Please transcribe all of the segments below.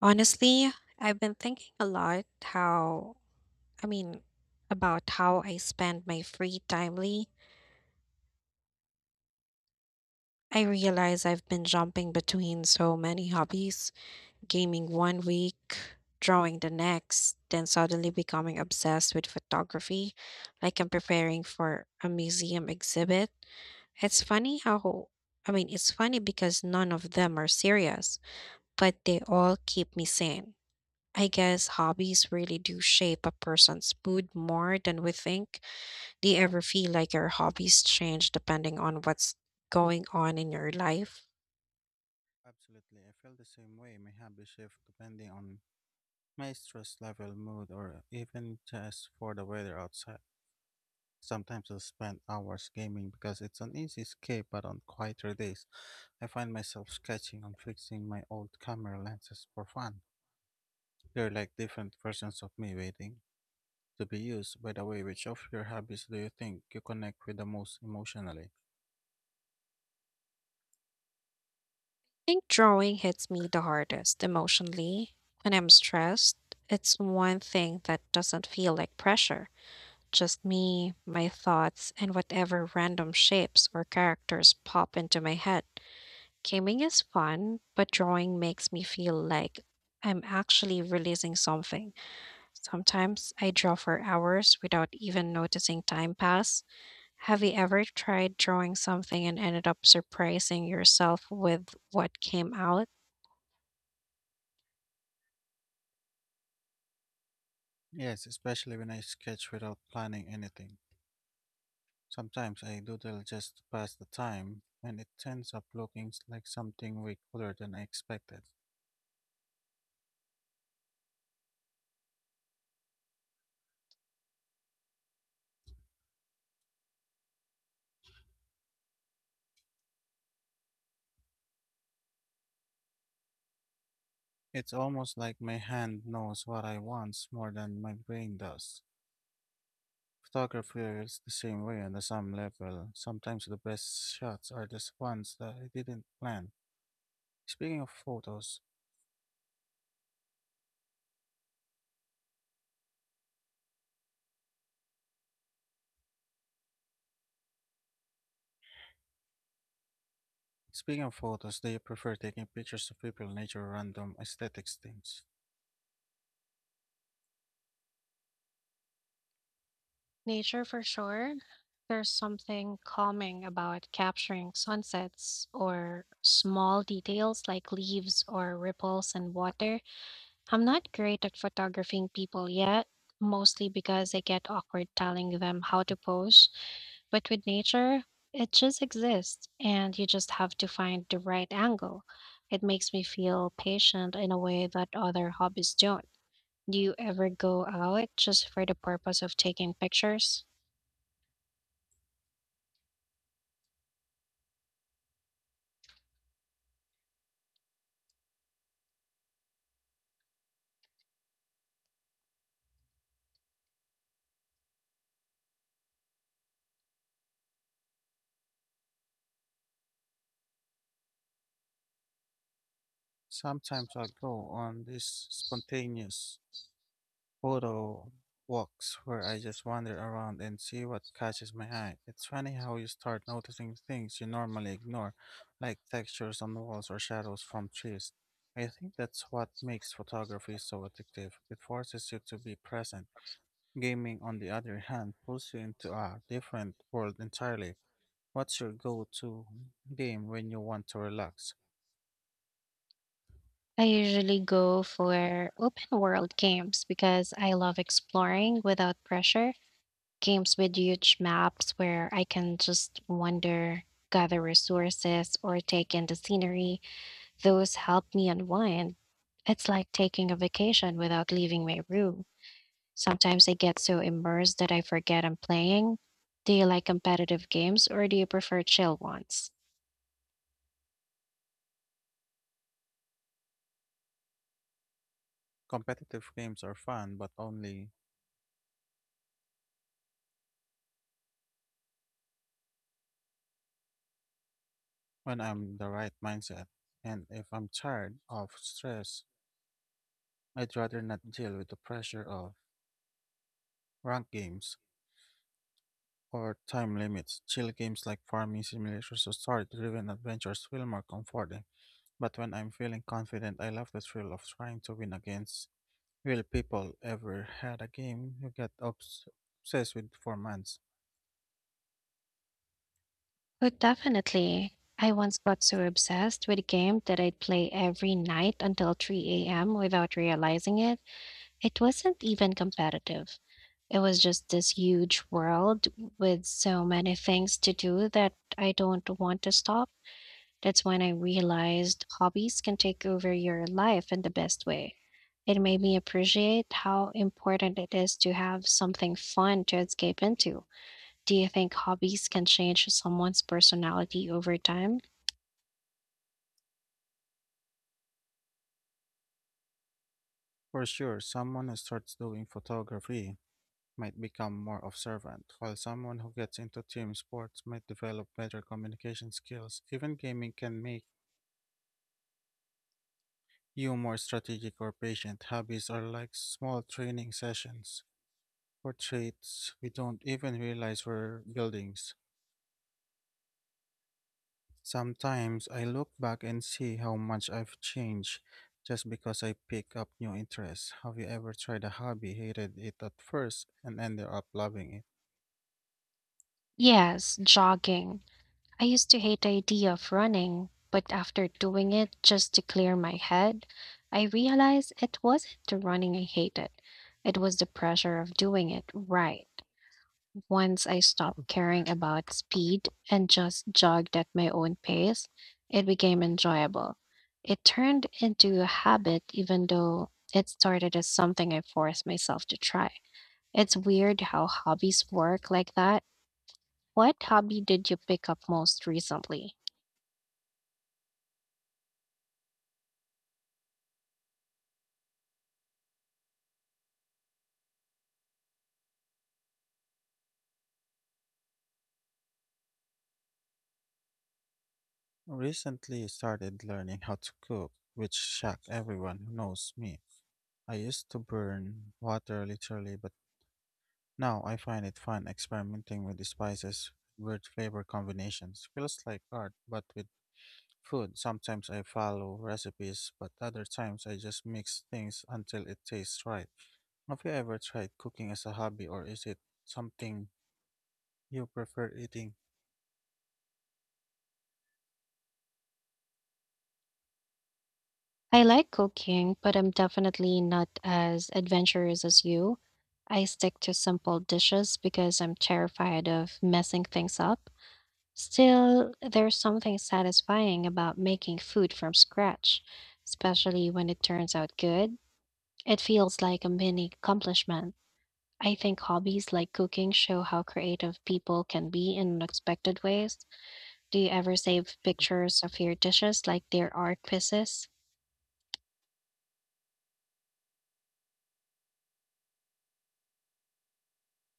Honestly, I've been thinking a lot I mean, about how I spend my free time lately. I realize I've been jumping between so many hobbies, gaming one week, drawing the next, then suddenly becoming obsessed with photography, like I'm preparing for a museum exhibit. It's I mean, it's funny because none of them are serious, but they all keep me sane. I guess hobbies really do shape a person's mood more than we think. Do you ever feel like your hobbies change depending on what's going on in your life? Absolutely. I feel the same way. My habits shift depending on my stress level, mood, or even just for the weather outside. Sometimes I'll spend hours gaming because it's an easy escape, but on quieter days, I find myself sketching and fixing my old camera lenses for fun. They're like different versions of me waiting to be used. By the way, which of your hobbies do you think you connect with the most emotionally? I think drawing hits me the hardest emotionally when I'm stressed. It's one thing that doesn't feel like pressure, just me, my thoughts, and whatever random shapes or characters pop into my head. Gaming is fun, but drawing makes me feel like I'm actually releasing something. Sometimes I draw for hours without even noticing time pass. Have you ever tried drawing something and ended up surprising yourself with what came out? Yes, especially when I sketch without planning anything. Sometimes I doodle just to pass the time, and it ends up like something way cooler than I expected. It's almost like my hand knows what I want more than my brain does. Photography is the same way on the some level. Sometimes the best shots are the ones that I didn't plan. Speaking of photos, speaking of photos, do you prefer taking pictures of people, nature, random aesthetics things? Nature for sure. There's something calming about capturing sunsets or small details like leaves or ripples in water. I'm not great at photographing people yet, mostly because I get awkward telling them how to pose. But with nature, it just exists, and you just have to find the right angle. It makes me feel patient in a way that other hobbies don't. Do you ever go out just for the purpose of taking pictures? Sometimes I'll go on this spontaneous photo walks where I just wander around and see what catches my eye. It's funny how you start noticing things you normally ignore, like textures on walls or shadows from trees. I think that's what makes photography so addictive. It forces you to be present. Gaming, on the other hand, pulls you into a different world entirely. What's your go to game when you want to relax? I usually go for open world games because I love exploring without pressure. Games with huge maps where I can just wander, gather resources, or take in the scenery. Those help me unwind. It's like taking a vacation without leaving my room. Sometimes I get so immersed that I forget I'm playing. Do you like competitive games or do you prefer chill ones? Competitive games are fun, but only when I'm in the right mindset. And if I'm tired of stress, I'd rather not deal with the pressure of rank games or time limits. Chill games like farming simulators or story-driven adventures feel more comforting. But when I'm feeling confident, I love the thrill of trying to win against real people. Ever had a game you get obsessed with for months? Oh, definitely. I once got so obsessed with a game that I'd play every night until 3 a.m. without realizing it. It wasn't even competitive. It was just this huge world with so many things to do that I don't want to stop. That's when I realized hobbies can take over your life in the best way. It made me appreciate how important it is to have something fun to escape into. Do you think hobbies can change someone's personality over time? For sure, someone who starts doing photography might become more observant, while someone who gets into team sports might develop better communication skills. Even gaming can make you more strategic or patient. Hobbies are like small training sessions for traits we don't even realize we're building. Sometimes I look back and see how much I've changed just because I pick up new interests. Have you ever tried a hobby, hated it at first, and ended up loving it? Yes, jogging. I used to hate the idea of running, but after doing it just to clear my head, I realized it wasn't the running I hated. It was the pressure of doing it right. Once I stopped caring about speed and just jogged at my own pace, it became enjoyable. It turned into a habit, even though it started as something I forced myself to try. It's weird how hobbies work like that. What hobby did you pick up most recently? Recently started learning how to cook, which shocked everyone who knows me. I used to burn water literally, but now I find it fun experimenting with the spices, weird flavor combinations. Feels like art, but with food. Sometimes I follow recipes, but other times I just mix things until it tastes right. Have you ever tried cooking as a hobby, or is it something you prefer eating I like cooking, but I'm definitely not as adventurous as you. I stick to simple dishes because I'm terrified of messing things up. Still, there's something satisfying about making food from scratch, especially when it turns out good. It feels like a mini accomplishment. I think hobbies like cooking show how creative people can be in unexpected ways. Do you ever save pictures of your dishes like they're art pieces?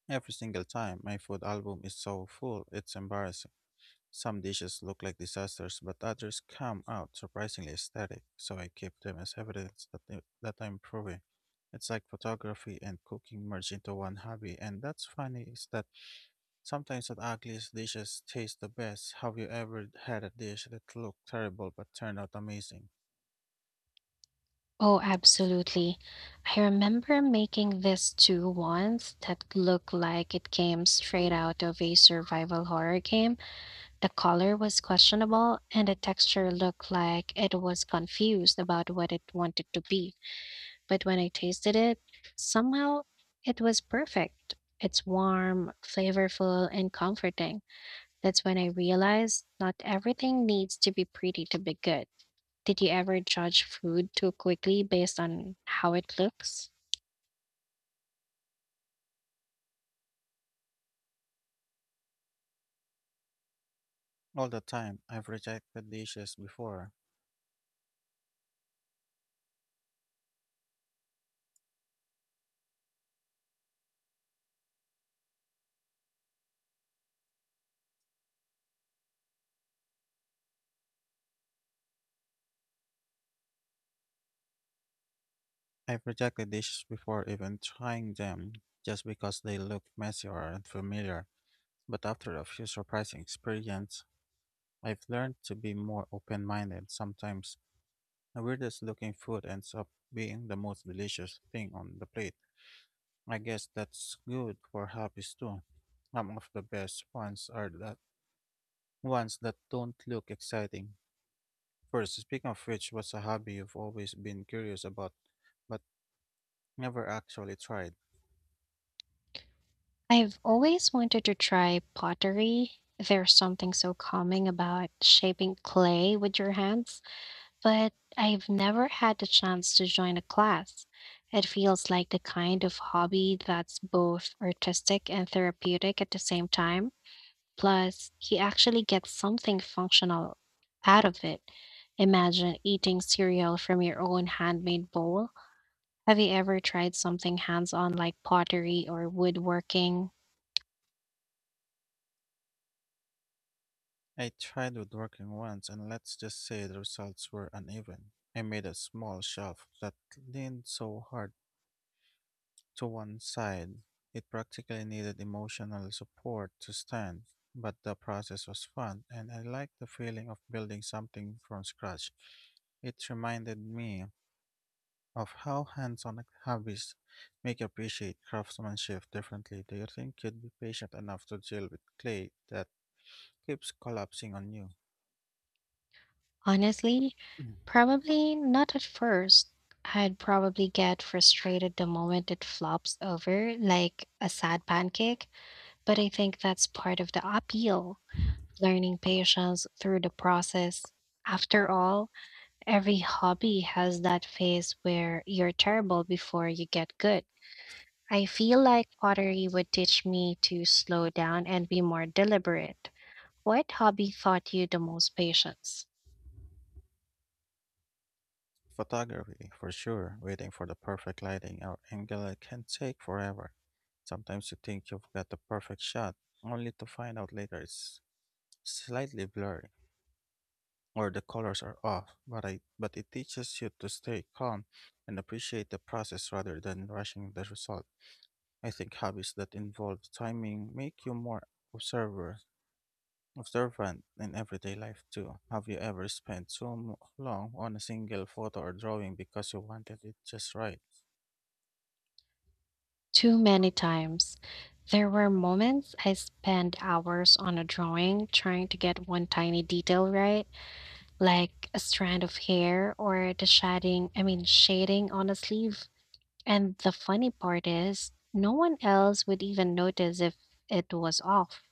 every single time? My food album is so full, it's embarrassing. Some dishes look like disasters, but others come out surprisingly aesthetic, so I keep them as evidence that I'm improving. It's like photography and cooking merge into one hobby, and that's funny is that sometimes the ugliest dishes taste the best. Have you ever had a dish that looked terrible but turned out amazing? Oh, absolutely. I remember making this stew once that looked like it came straight out of a survival horror game. The color was questionable, and the texture looked like it was confused about what it wanted to be. But when I tasted it, somehow it was perfect. It's warm, flavorful, and comforting. That's when I realized not everything needs to be pretty to be good. Did you ever judge food too quickly based on how it looks? All the time, I've rejected dishes before even trying them just because they looked messy or unfamiliar. But after a few surprising experiences, I've learned to be more open minded sometimes. The weirdest looking food ends up being the most delicious thing on the plate. I guess that's good for hobbies too. Some of the best ones are that ones that don't look exciting. First, speaking of which, what's a hobby you've always been curious about but never actually tried? I've always wanted to try pottery. There's something so calming about shaping clay with your hands, but I've never had the chance to join a class. It feels like the kind of hobby that's both artistic and therapeutic at the same time. Plus, he actually gets something functional out of it. Imagine eating cereal from your own handmade bowl. Have you ever tried something hands on like pottery or woodworking? I tried woodworking once, and let's just say the results were uneven. I made a small shelf that leaned so hard to one side. It practically needed emotional support to stand, but the process was fun, and I liked the feeling of building something from scratch. It reminded me of how hands on hobbies make you appreciate craftsmanship differently. Do you think you'd be patient enough to deal with clay that keeps collapsing on you? Honestly, probably not at first. I'd probably get frustrated the moment it flops over like a sad pancake, but I think that's part of the appeal, learning patience through the process. After all, every hobby has that phase where you're terrible before you get good. I feel like pottery would teach me to slow down and be more deliberate. What hobby taught you the most patience? Photography, for sure. Waiting for the perfect lighting or angle can take forever. Sometimes you think you've got the perfect shot, only to find out later it's slightly blurry or the colors are off. But it teaches you to stay calm and appreciate the process rather than rushing the result. I think hobbies that involve timing make you more observer observant in everyday life too. Have you ever spent long on a single photo or drawing because you wanted it just right? Too many times. There were moments I spent hours on a drawing trying to get one tiny detail right, like a strand of hair or the I mean shading on a sleeve. And the funny part is, no one else would even notice if it was off.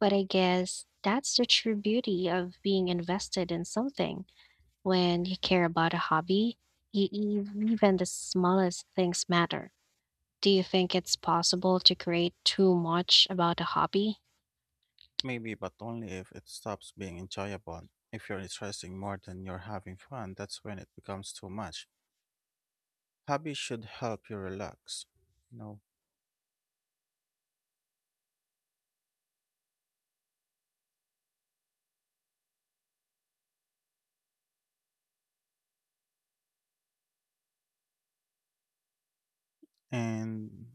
But I guess that's the true beauty of being invested in something. When you care about a hobby, even the smallest things matter. Do you think it's possible to create too much about a hobby? Maybe, but only if it stops being enjoyable. If you're stressing more than you're having fun, that's when it becomes too much. Hobbies should help you relax, you know, and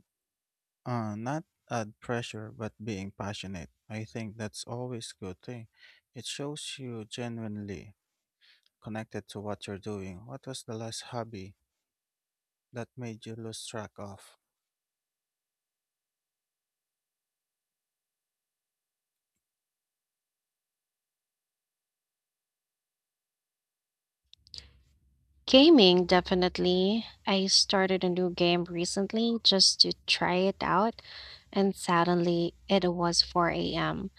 not add pressure, but being passionate. I think that's always a good thing. It shows you genuinely connected to what you're doing. What was the last hobby that made you lose track of? Gaming, definitely. I started a new game recently just to try it out, and suddenly it was 4 a.m.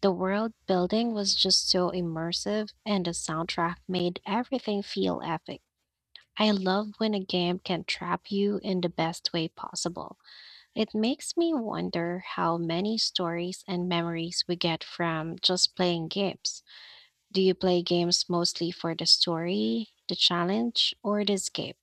The world building was just so immersive, and the soundtrack made everything feel epic. I love when a game can trap you in the best way possible. It makes me wonder how many stories and memories we get from just playing games. Do you play games mostly for the story, the challenge, or the escape?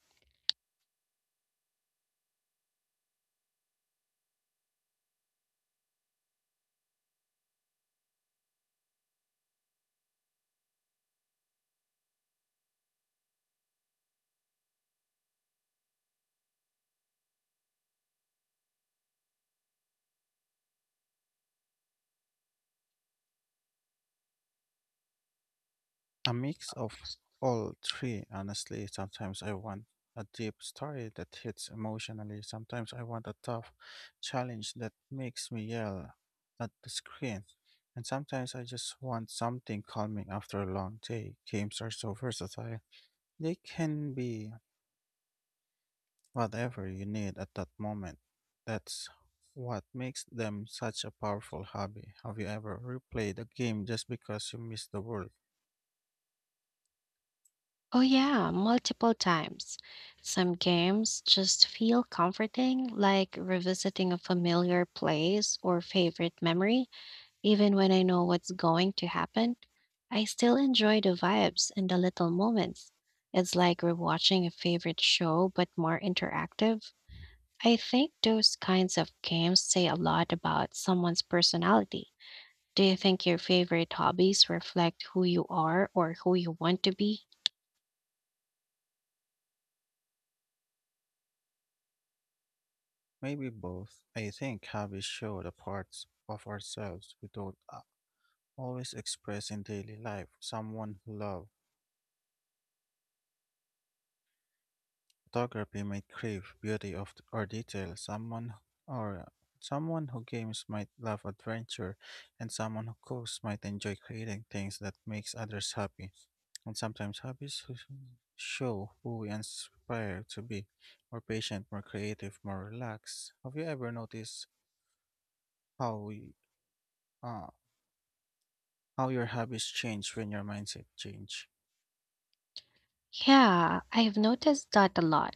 A mix of all three, honestly. Sometimes I want a deep story that hits emotionally. Sometimes I want a tough challenge that makes me yell at the screen. And sometimes I just want something calming after a long day. Games are so versatile. They can be whatever you need at that moment. That's what makes them such a powerful hobby. Have you ever replayed a game just because you missed the world? Oh, yeah, multiple times. Some games just feel comforting, like revisiting a familiar place or favorite memory. Even when I know what's going to happen, I still enjoy the vibes and the little moments. It's like rewatching a favorite show, but more interactive. I think those kinds of games say a lot about someone's personality. Do you think your favorite hobbies reflect who you are or who you want to be? Maybe both. I think hobbies show the parts of ourselves we don't a- always express in daily life. Someone who loves photography might crave beauty or detail. Or Someone who games might love adventure, and someone who cooks might enjoy creating things that makes others happy. And sometimes show who we inspire to be more patient, more creative, more relaxed. Have you ever noticed how we uh, how your habits change when your mindset change. Yeah, I've noticed that a lot.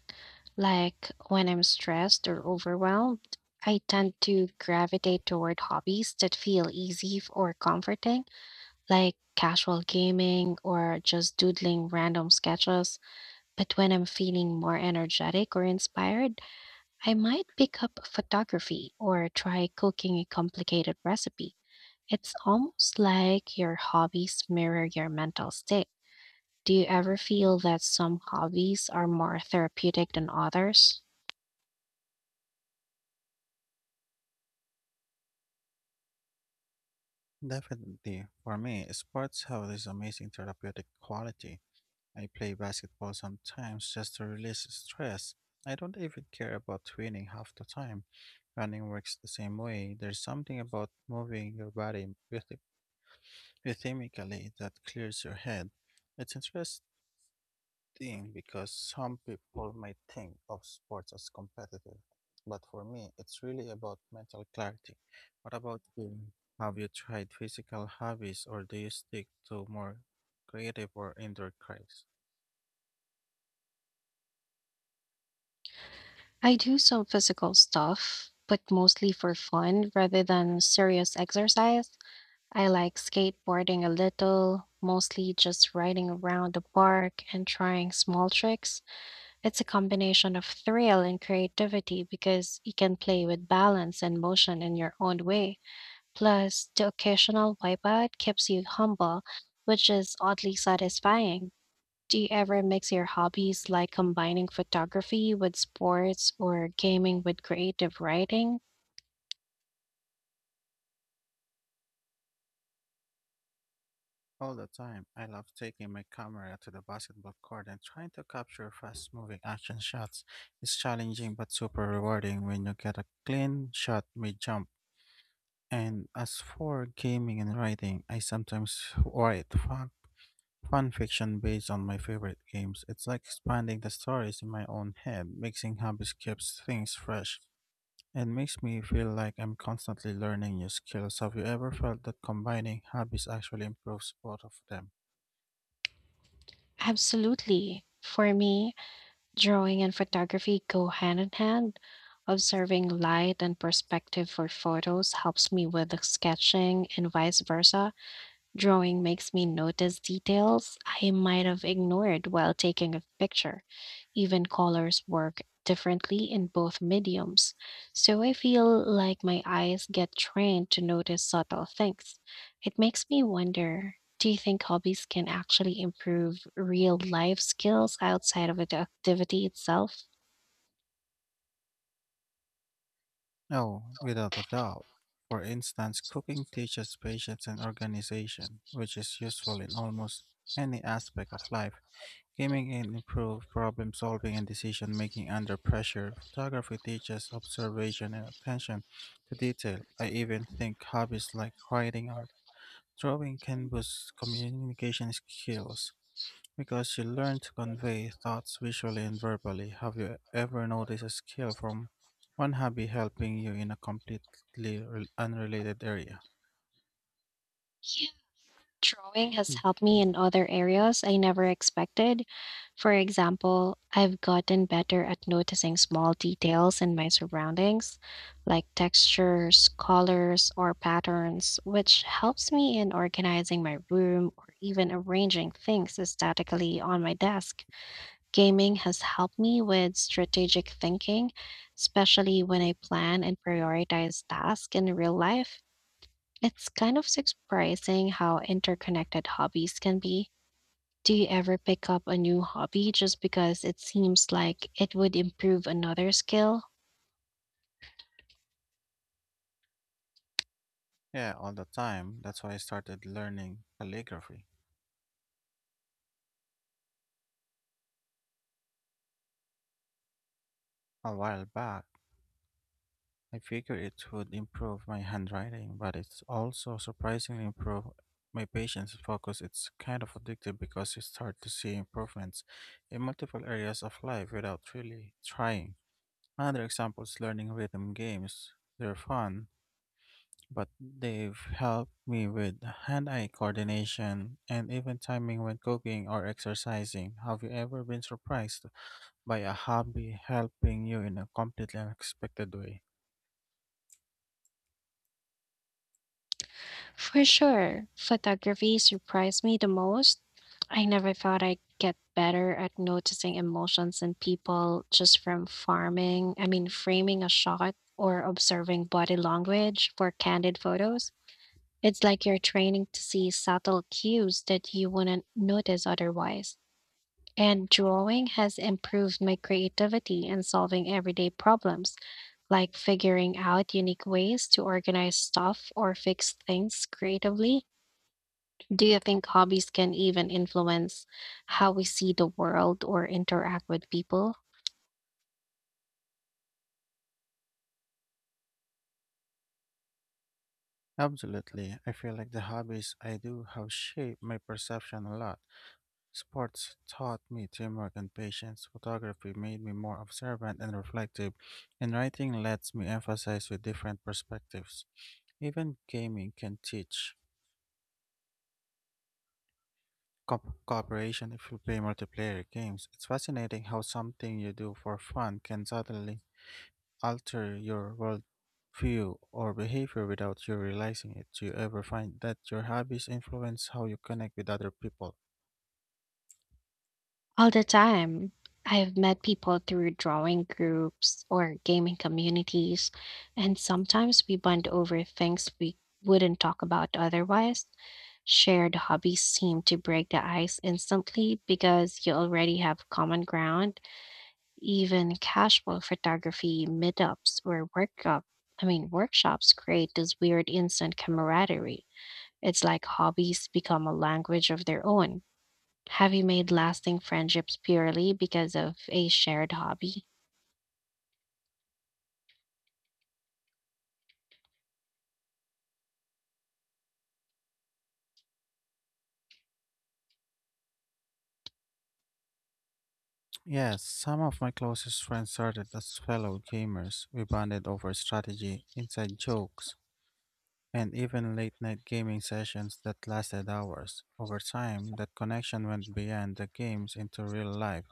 Like when I'm stressed or overwhelmed, I tend to gravitate toward hobbies that feel easy or comforting. Like casual gaming or just doodling random sketches. But when I'm feeling more energetic or inspired, I might pick up photography or try cooking a complicated recipe. It's almost like your hobbies mirror your mental state. Do you ever feel that some hobbies are more therapeutic than others? Definitely, for me, sports have this amazing therapeutic quality. I play basketball sometimes just to release stress. I don't even care about winning half the time. Running works the same way. There's something about moving your body rhythm- rhythmically that clears your head. It's interest thing because some people might think of sports as competitive, but for me, it's really about mental clarity. What about you? Have you tried physical hobbies or do you stick to more creative or indoor crafts? I do some physical stuff, but mostly for fun rather than serious exercise. I like skateboarding a little, mostly just riding around the park and trying small tricks. It's a combination of thrill and creativity because you can play with balance and motion in your own way. Plus, the occasional wipeout keeps you humble, which is oddly satisfying. Do you ever mix your hobbies like combining photography with sports or gaming with creative writing? All the time, I love taking my camera to the basketball court and trying to capture fast moving action shots. It's challenging but super rewarding when you get a clean shot mid jump. And as for gaming and writing, I sometimes write fun fan fiction based on my favorite games. It's like expanding the stories in my own head. Mixing hobbies keeps things fresh and makes me feel like I'm constantly learning new skills. Have you ever felt that combining hobbies actually improves both of them? Absolutely. For me, drawing and photography go hand in hand. Observing light and perspective for photos helps me with the sketching and vice versa. Drawing makes me notice details I might have ignored while taking a picture. Even colors work differently in both mediums, so I feel like my eyes get trained to notice subtle things. It makes me wonder, do you think hobbies can actually improve real life skills outside of the activity itself? No, without a doubt. For instance, cooking teaches patience and organization, which is useful in almost any aspect of life. Gaming can improve problem solving and decision making under pressure. Photography teaches observation and attention to detail. I even think hobbies like writing or drawing can boost communication skills because you learn to convey thoughts visually and verbally. Have you ever noticed a skill from one hobby helping you in a completely unrelated area? Drawing has Hmm. helped me in other areas I never expected. For example, I've gotten better at noticing small details in my surroundings, like textures, colors, or patterns, which helps me in organizing my room or even arranging things aesthetically on my desk. Gaming has helped me with strategic thinking, especially when I plan and prioritize tasks in real life. It's kind of surprising how interconnected hobbies can be. Do you ever pick up a new hobby just because it seems like it would improve another skill? Yeah, all the time. That's why I started learning calligraphy a while back. I figured it would improve my handwriting, but it's also surprisingly improved my patience and focus. It's kind of addictive because you start to see improvements in multiple areas of life without really trying. Another example is learning rhythm games. They're fun, but they've helped me with hand-eye coordination and even timing when cooking or exercising. Have you ever been surprised by a hobby helping you in a completely unexpected way? For sure, photography surprised me the most. I never thought I'd get better at noticing emotions in people just from I mean, framing a shot or observing body language for candid photos. It's like you're training to see subtle cues that you wouldn't notice otherwise. And drawing has improved my creativity in solving everyday problems, like figuring out unique ways to organize stuff or fix things creatively. Do you think hobbies can even influence how we see the world or interact with people? Absolutely. I feel like the hobbies I do have shaped my perception a lot. Sports taught me teamwork and patience. Photography made me more observant and reflective, and writing lets me emphasize with different perspectives. Even gaming can teach cooperation if you play multiplayer games. It's fascinating how something you do for fun can suddenly alter your worldview or behavior without you realizing it. Do you ever find that your hobbies influence how you connect with other people? All the time. I've met people through drawing groups or gaming communities, and sometimes we bond over things we wouldn't talk about otherwise. Shared hobbies seem to break the ice instantly because you already have common ground. Even casual photography meetups or I mean workshops create this weird instant camaraderie. It's like hobbies become a language of their own. Have you made lasting friendships purely because of a shared hobby? Yes, some of my closest friends started as fellow gamers. We bonded over strategy, inside jokes, and even late night gaming sessions that lasted hours. Over time, that connection went beyond the games into real life.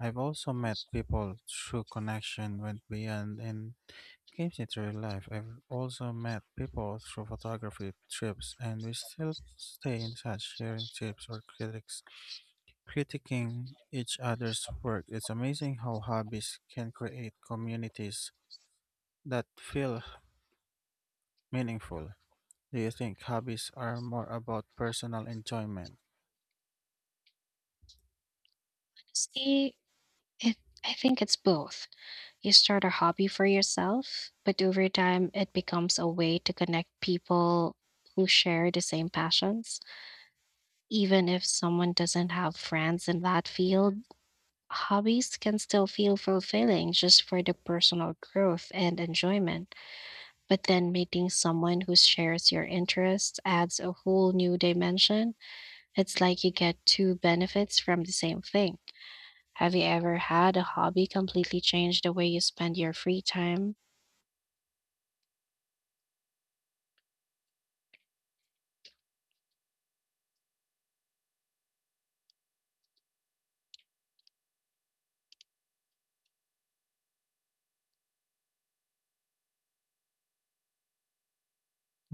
I've also met people through connection went beyond and keeps it real life. I've also met people through photography trips, and we still stay in touch, sharing tips or critics, critiquing each other's work. It's amazing how hobbies can create communities that feel meaningful. Do you think hobbies are more about personal enjoyment? Honestly, it, I think it's both. You start a hobby for yourself, but over time, it becomes a way to connect people who share the same passions. Even if someone doesn't have friends in that field, hobbies can still feel fulfilling just for the personal growth and enjoyment. But then meeting someone who shares your interests adds a whole new dimension. It's like you get two benefits from the same thing. Have you ever had a hobby completely change the way you spend your free time?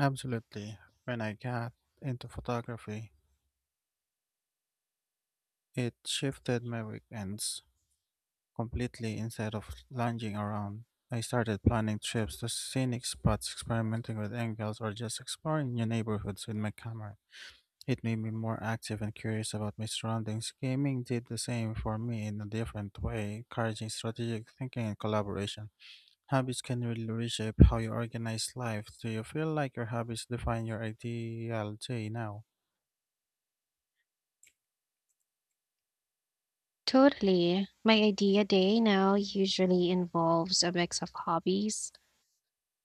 Absolutely. When I got into photography, it shifted my weekends completely instead of lounging around. I started planning trips to scenic spots, experimenting with angles, or just exploring new neighborhoods with my camera. It made me more active and curious about my surroundings. Gaming did the same for me in a different way, encouraging strategic thinking and collaboration. Habits can really reshape how you organize life. Do you feel like your habits define your ideal day now? Totally. My idea day now usually involves a mix of hobbies.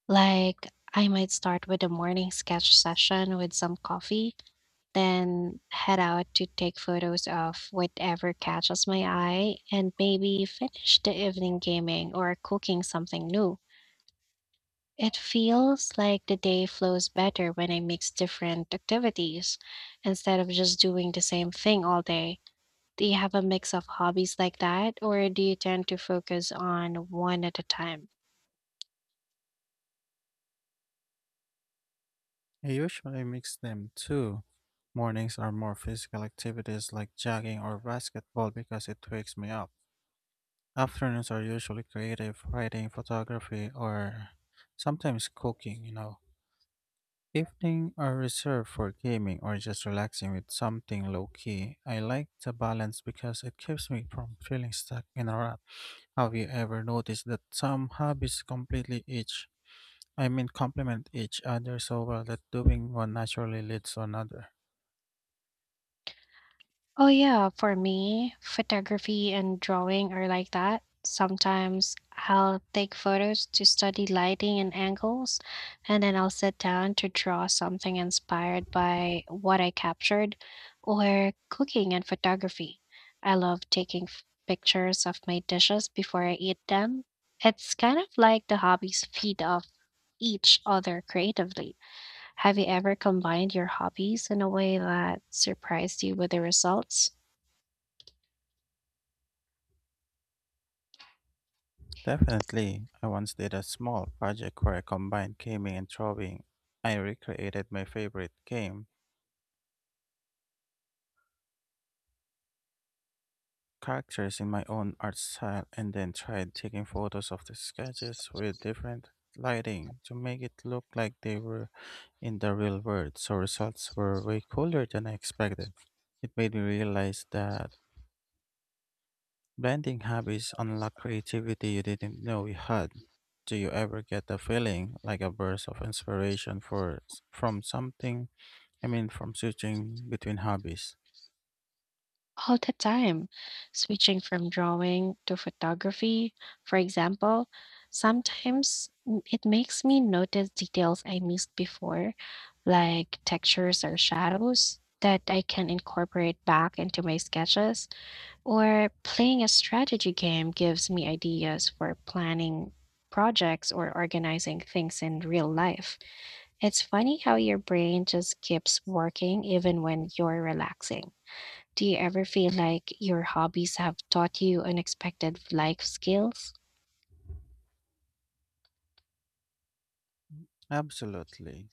Like, I might start with a morning sketch session with some coffee, then head out to take photos of whatever catches my eye, and maybe finish the evening gaming or cooking something new. It feels like the day flows better when I mix different activities instead of just doing the same thing all day. Do you have a mix of hobbies like that, or do you tend to focus on one at a time? I usually mix them too. Mornings are more physical activities like jogging or basketball because it wakes me up. Afternoons are usually creative, writing, photography, or sometimes cooking, you know. Evening are reserved for gaming or just relaxing with something low key. I like the balance because it keeps me from feeling stuck in a rut. Have you ever noticed that some hobbies completely each, I mean complement each other so well that doing one naturally leads to another? Oh yeah, for me, photography and drawing are like that. Sometimes I'll take photos to study lighting and angles, and then I'll sit down to draw something inspired by what I captured, or cooking and photography. I love taking pictures of my dishes before I eat them. It's kind of like the hobbies feed off each other creatively. Have you ever combined your hobbies in a way that surprised you with the results? Definitely. I once did a small project where I combined gaming and drawing. I recreated my favorite game, characters in my own art style, and then tried taking photos of the sketches with different lighting to make it look like they were in the real world. So results were way cooler than I expected. It made me realize that blending habits unlock creativity you didn't know you had. Do you ever get the feeling like a burst of inspiration for s- from something? I mean, from switching between hobbies? All the time, switching from drawing to photography, for example. Sometimes it makes me notice details I missed before, like textures or shadows that I can incorporate back into my sketches, or playing a strategy game gives me ideas for planning projects or organizing things in real life. It's funny how your brain just keeps working even when you're relaxing. Do you ever feel like your hobbies have taught you unexpected life skills? Absolutely.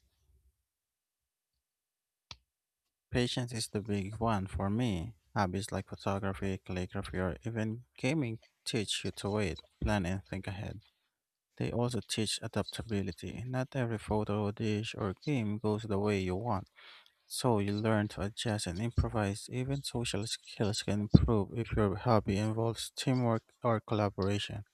Patience is the big one for me. Hobbies like photography, calligraphy, or even gaming teach you to wait, plan, and think ahead. They also teach adaptability. Not every photo, dish, or game goes the way you want. So you learn to adjust and improvise. Even social skills can improve if your hobby involves teamwork or collaboration.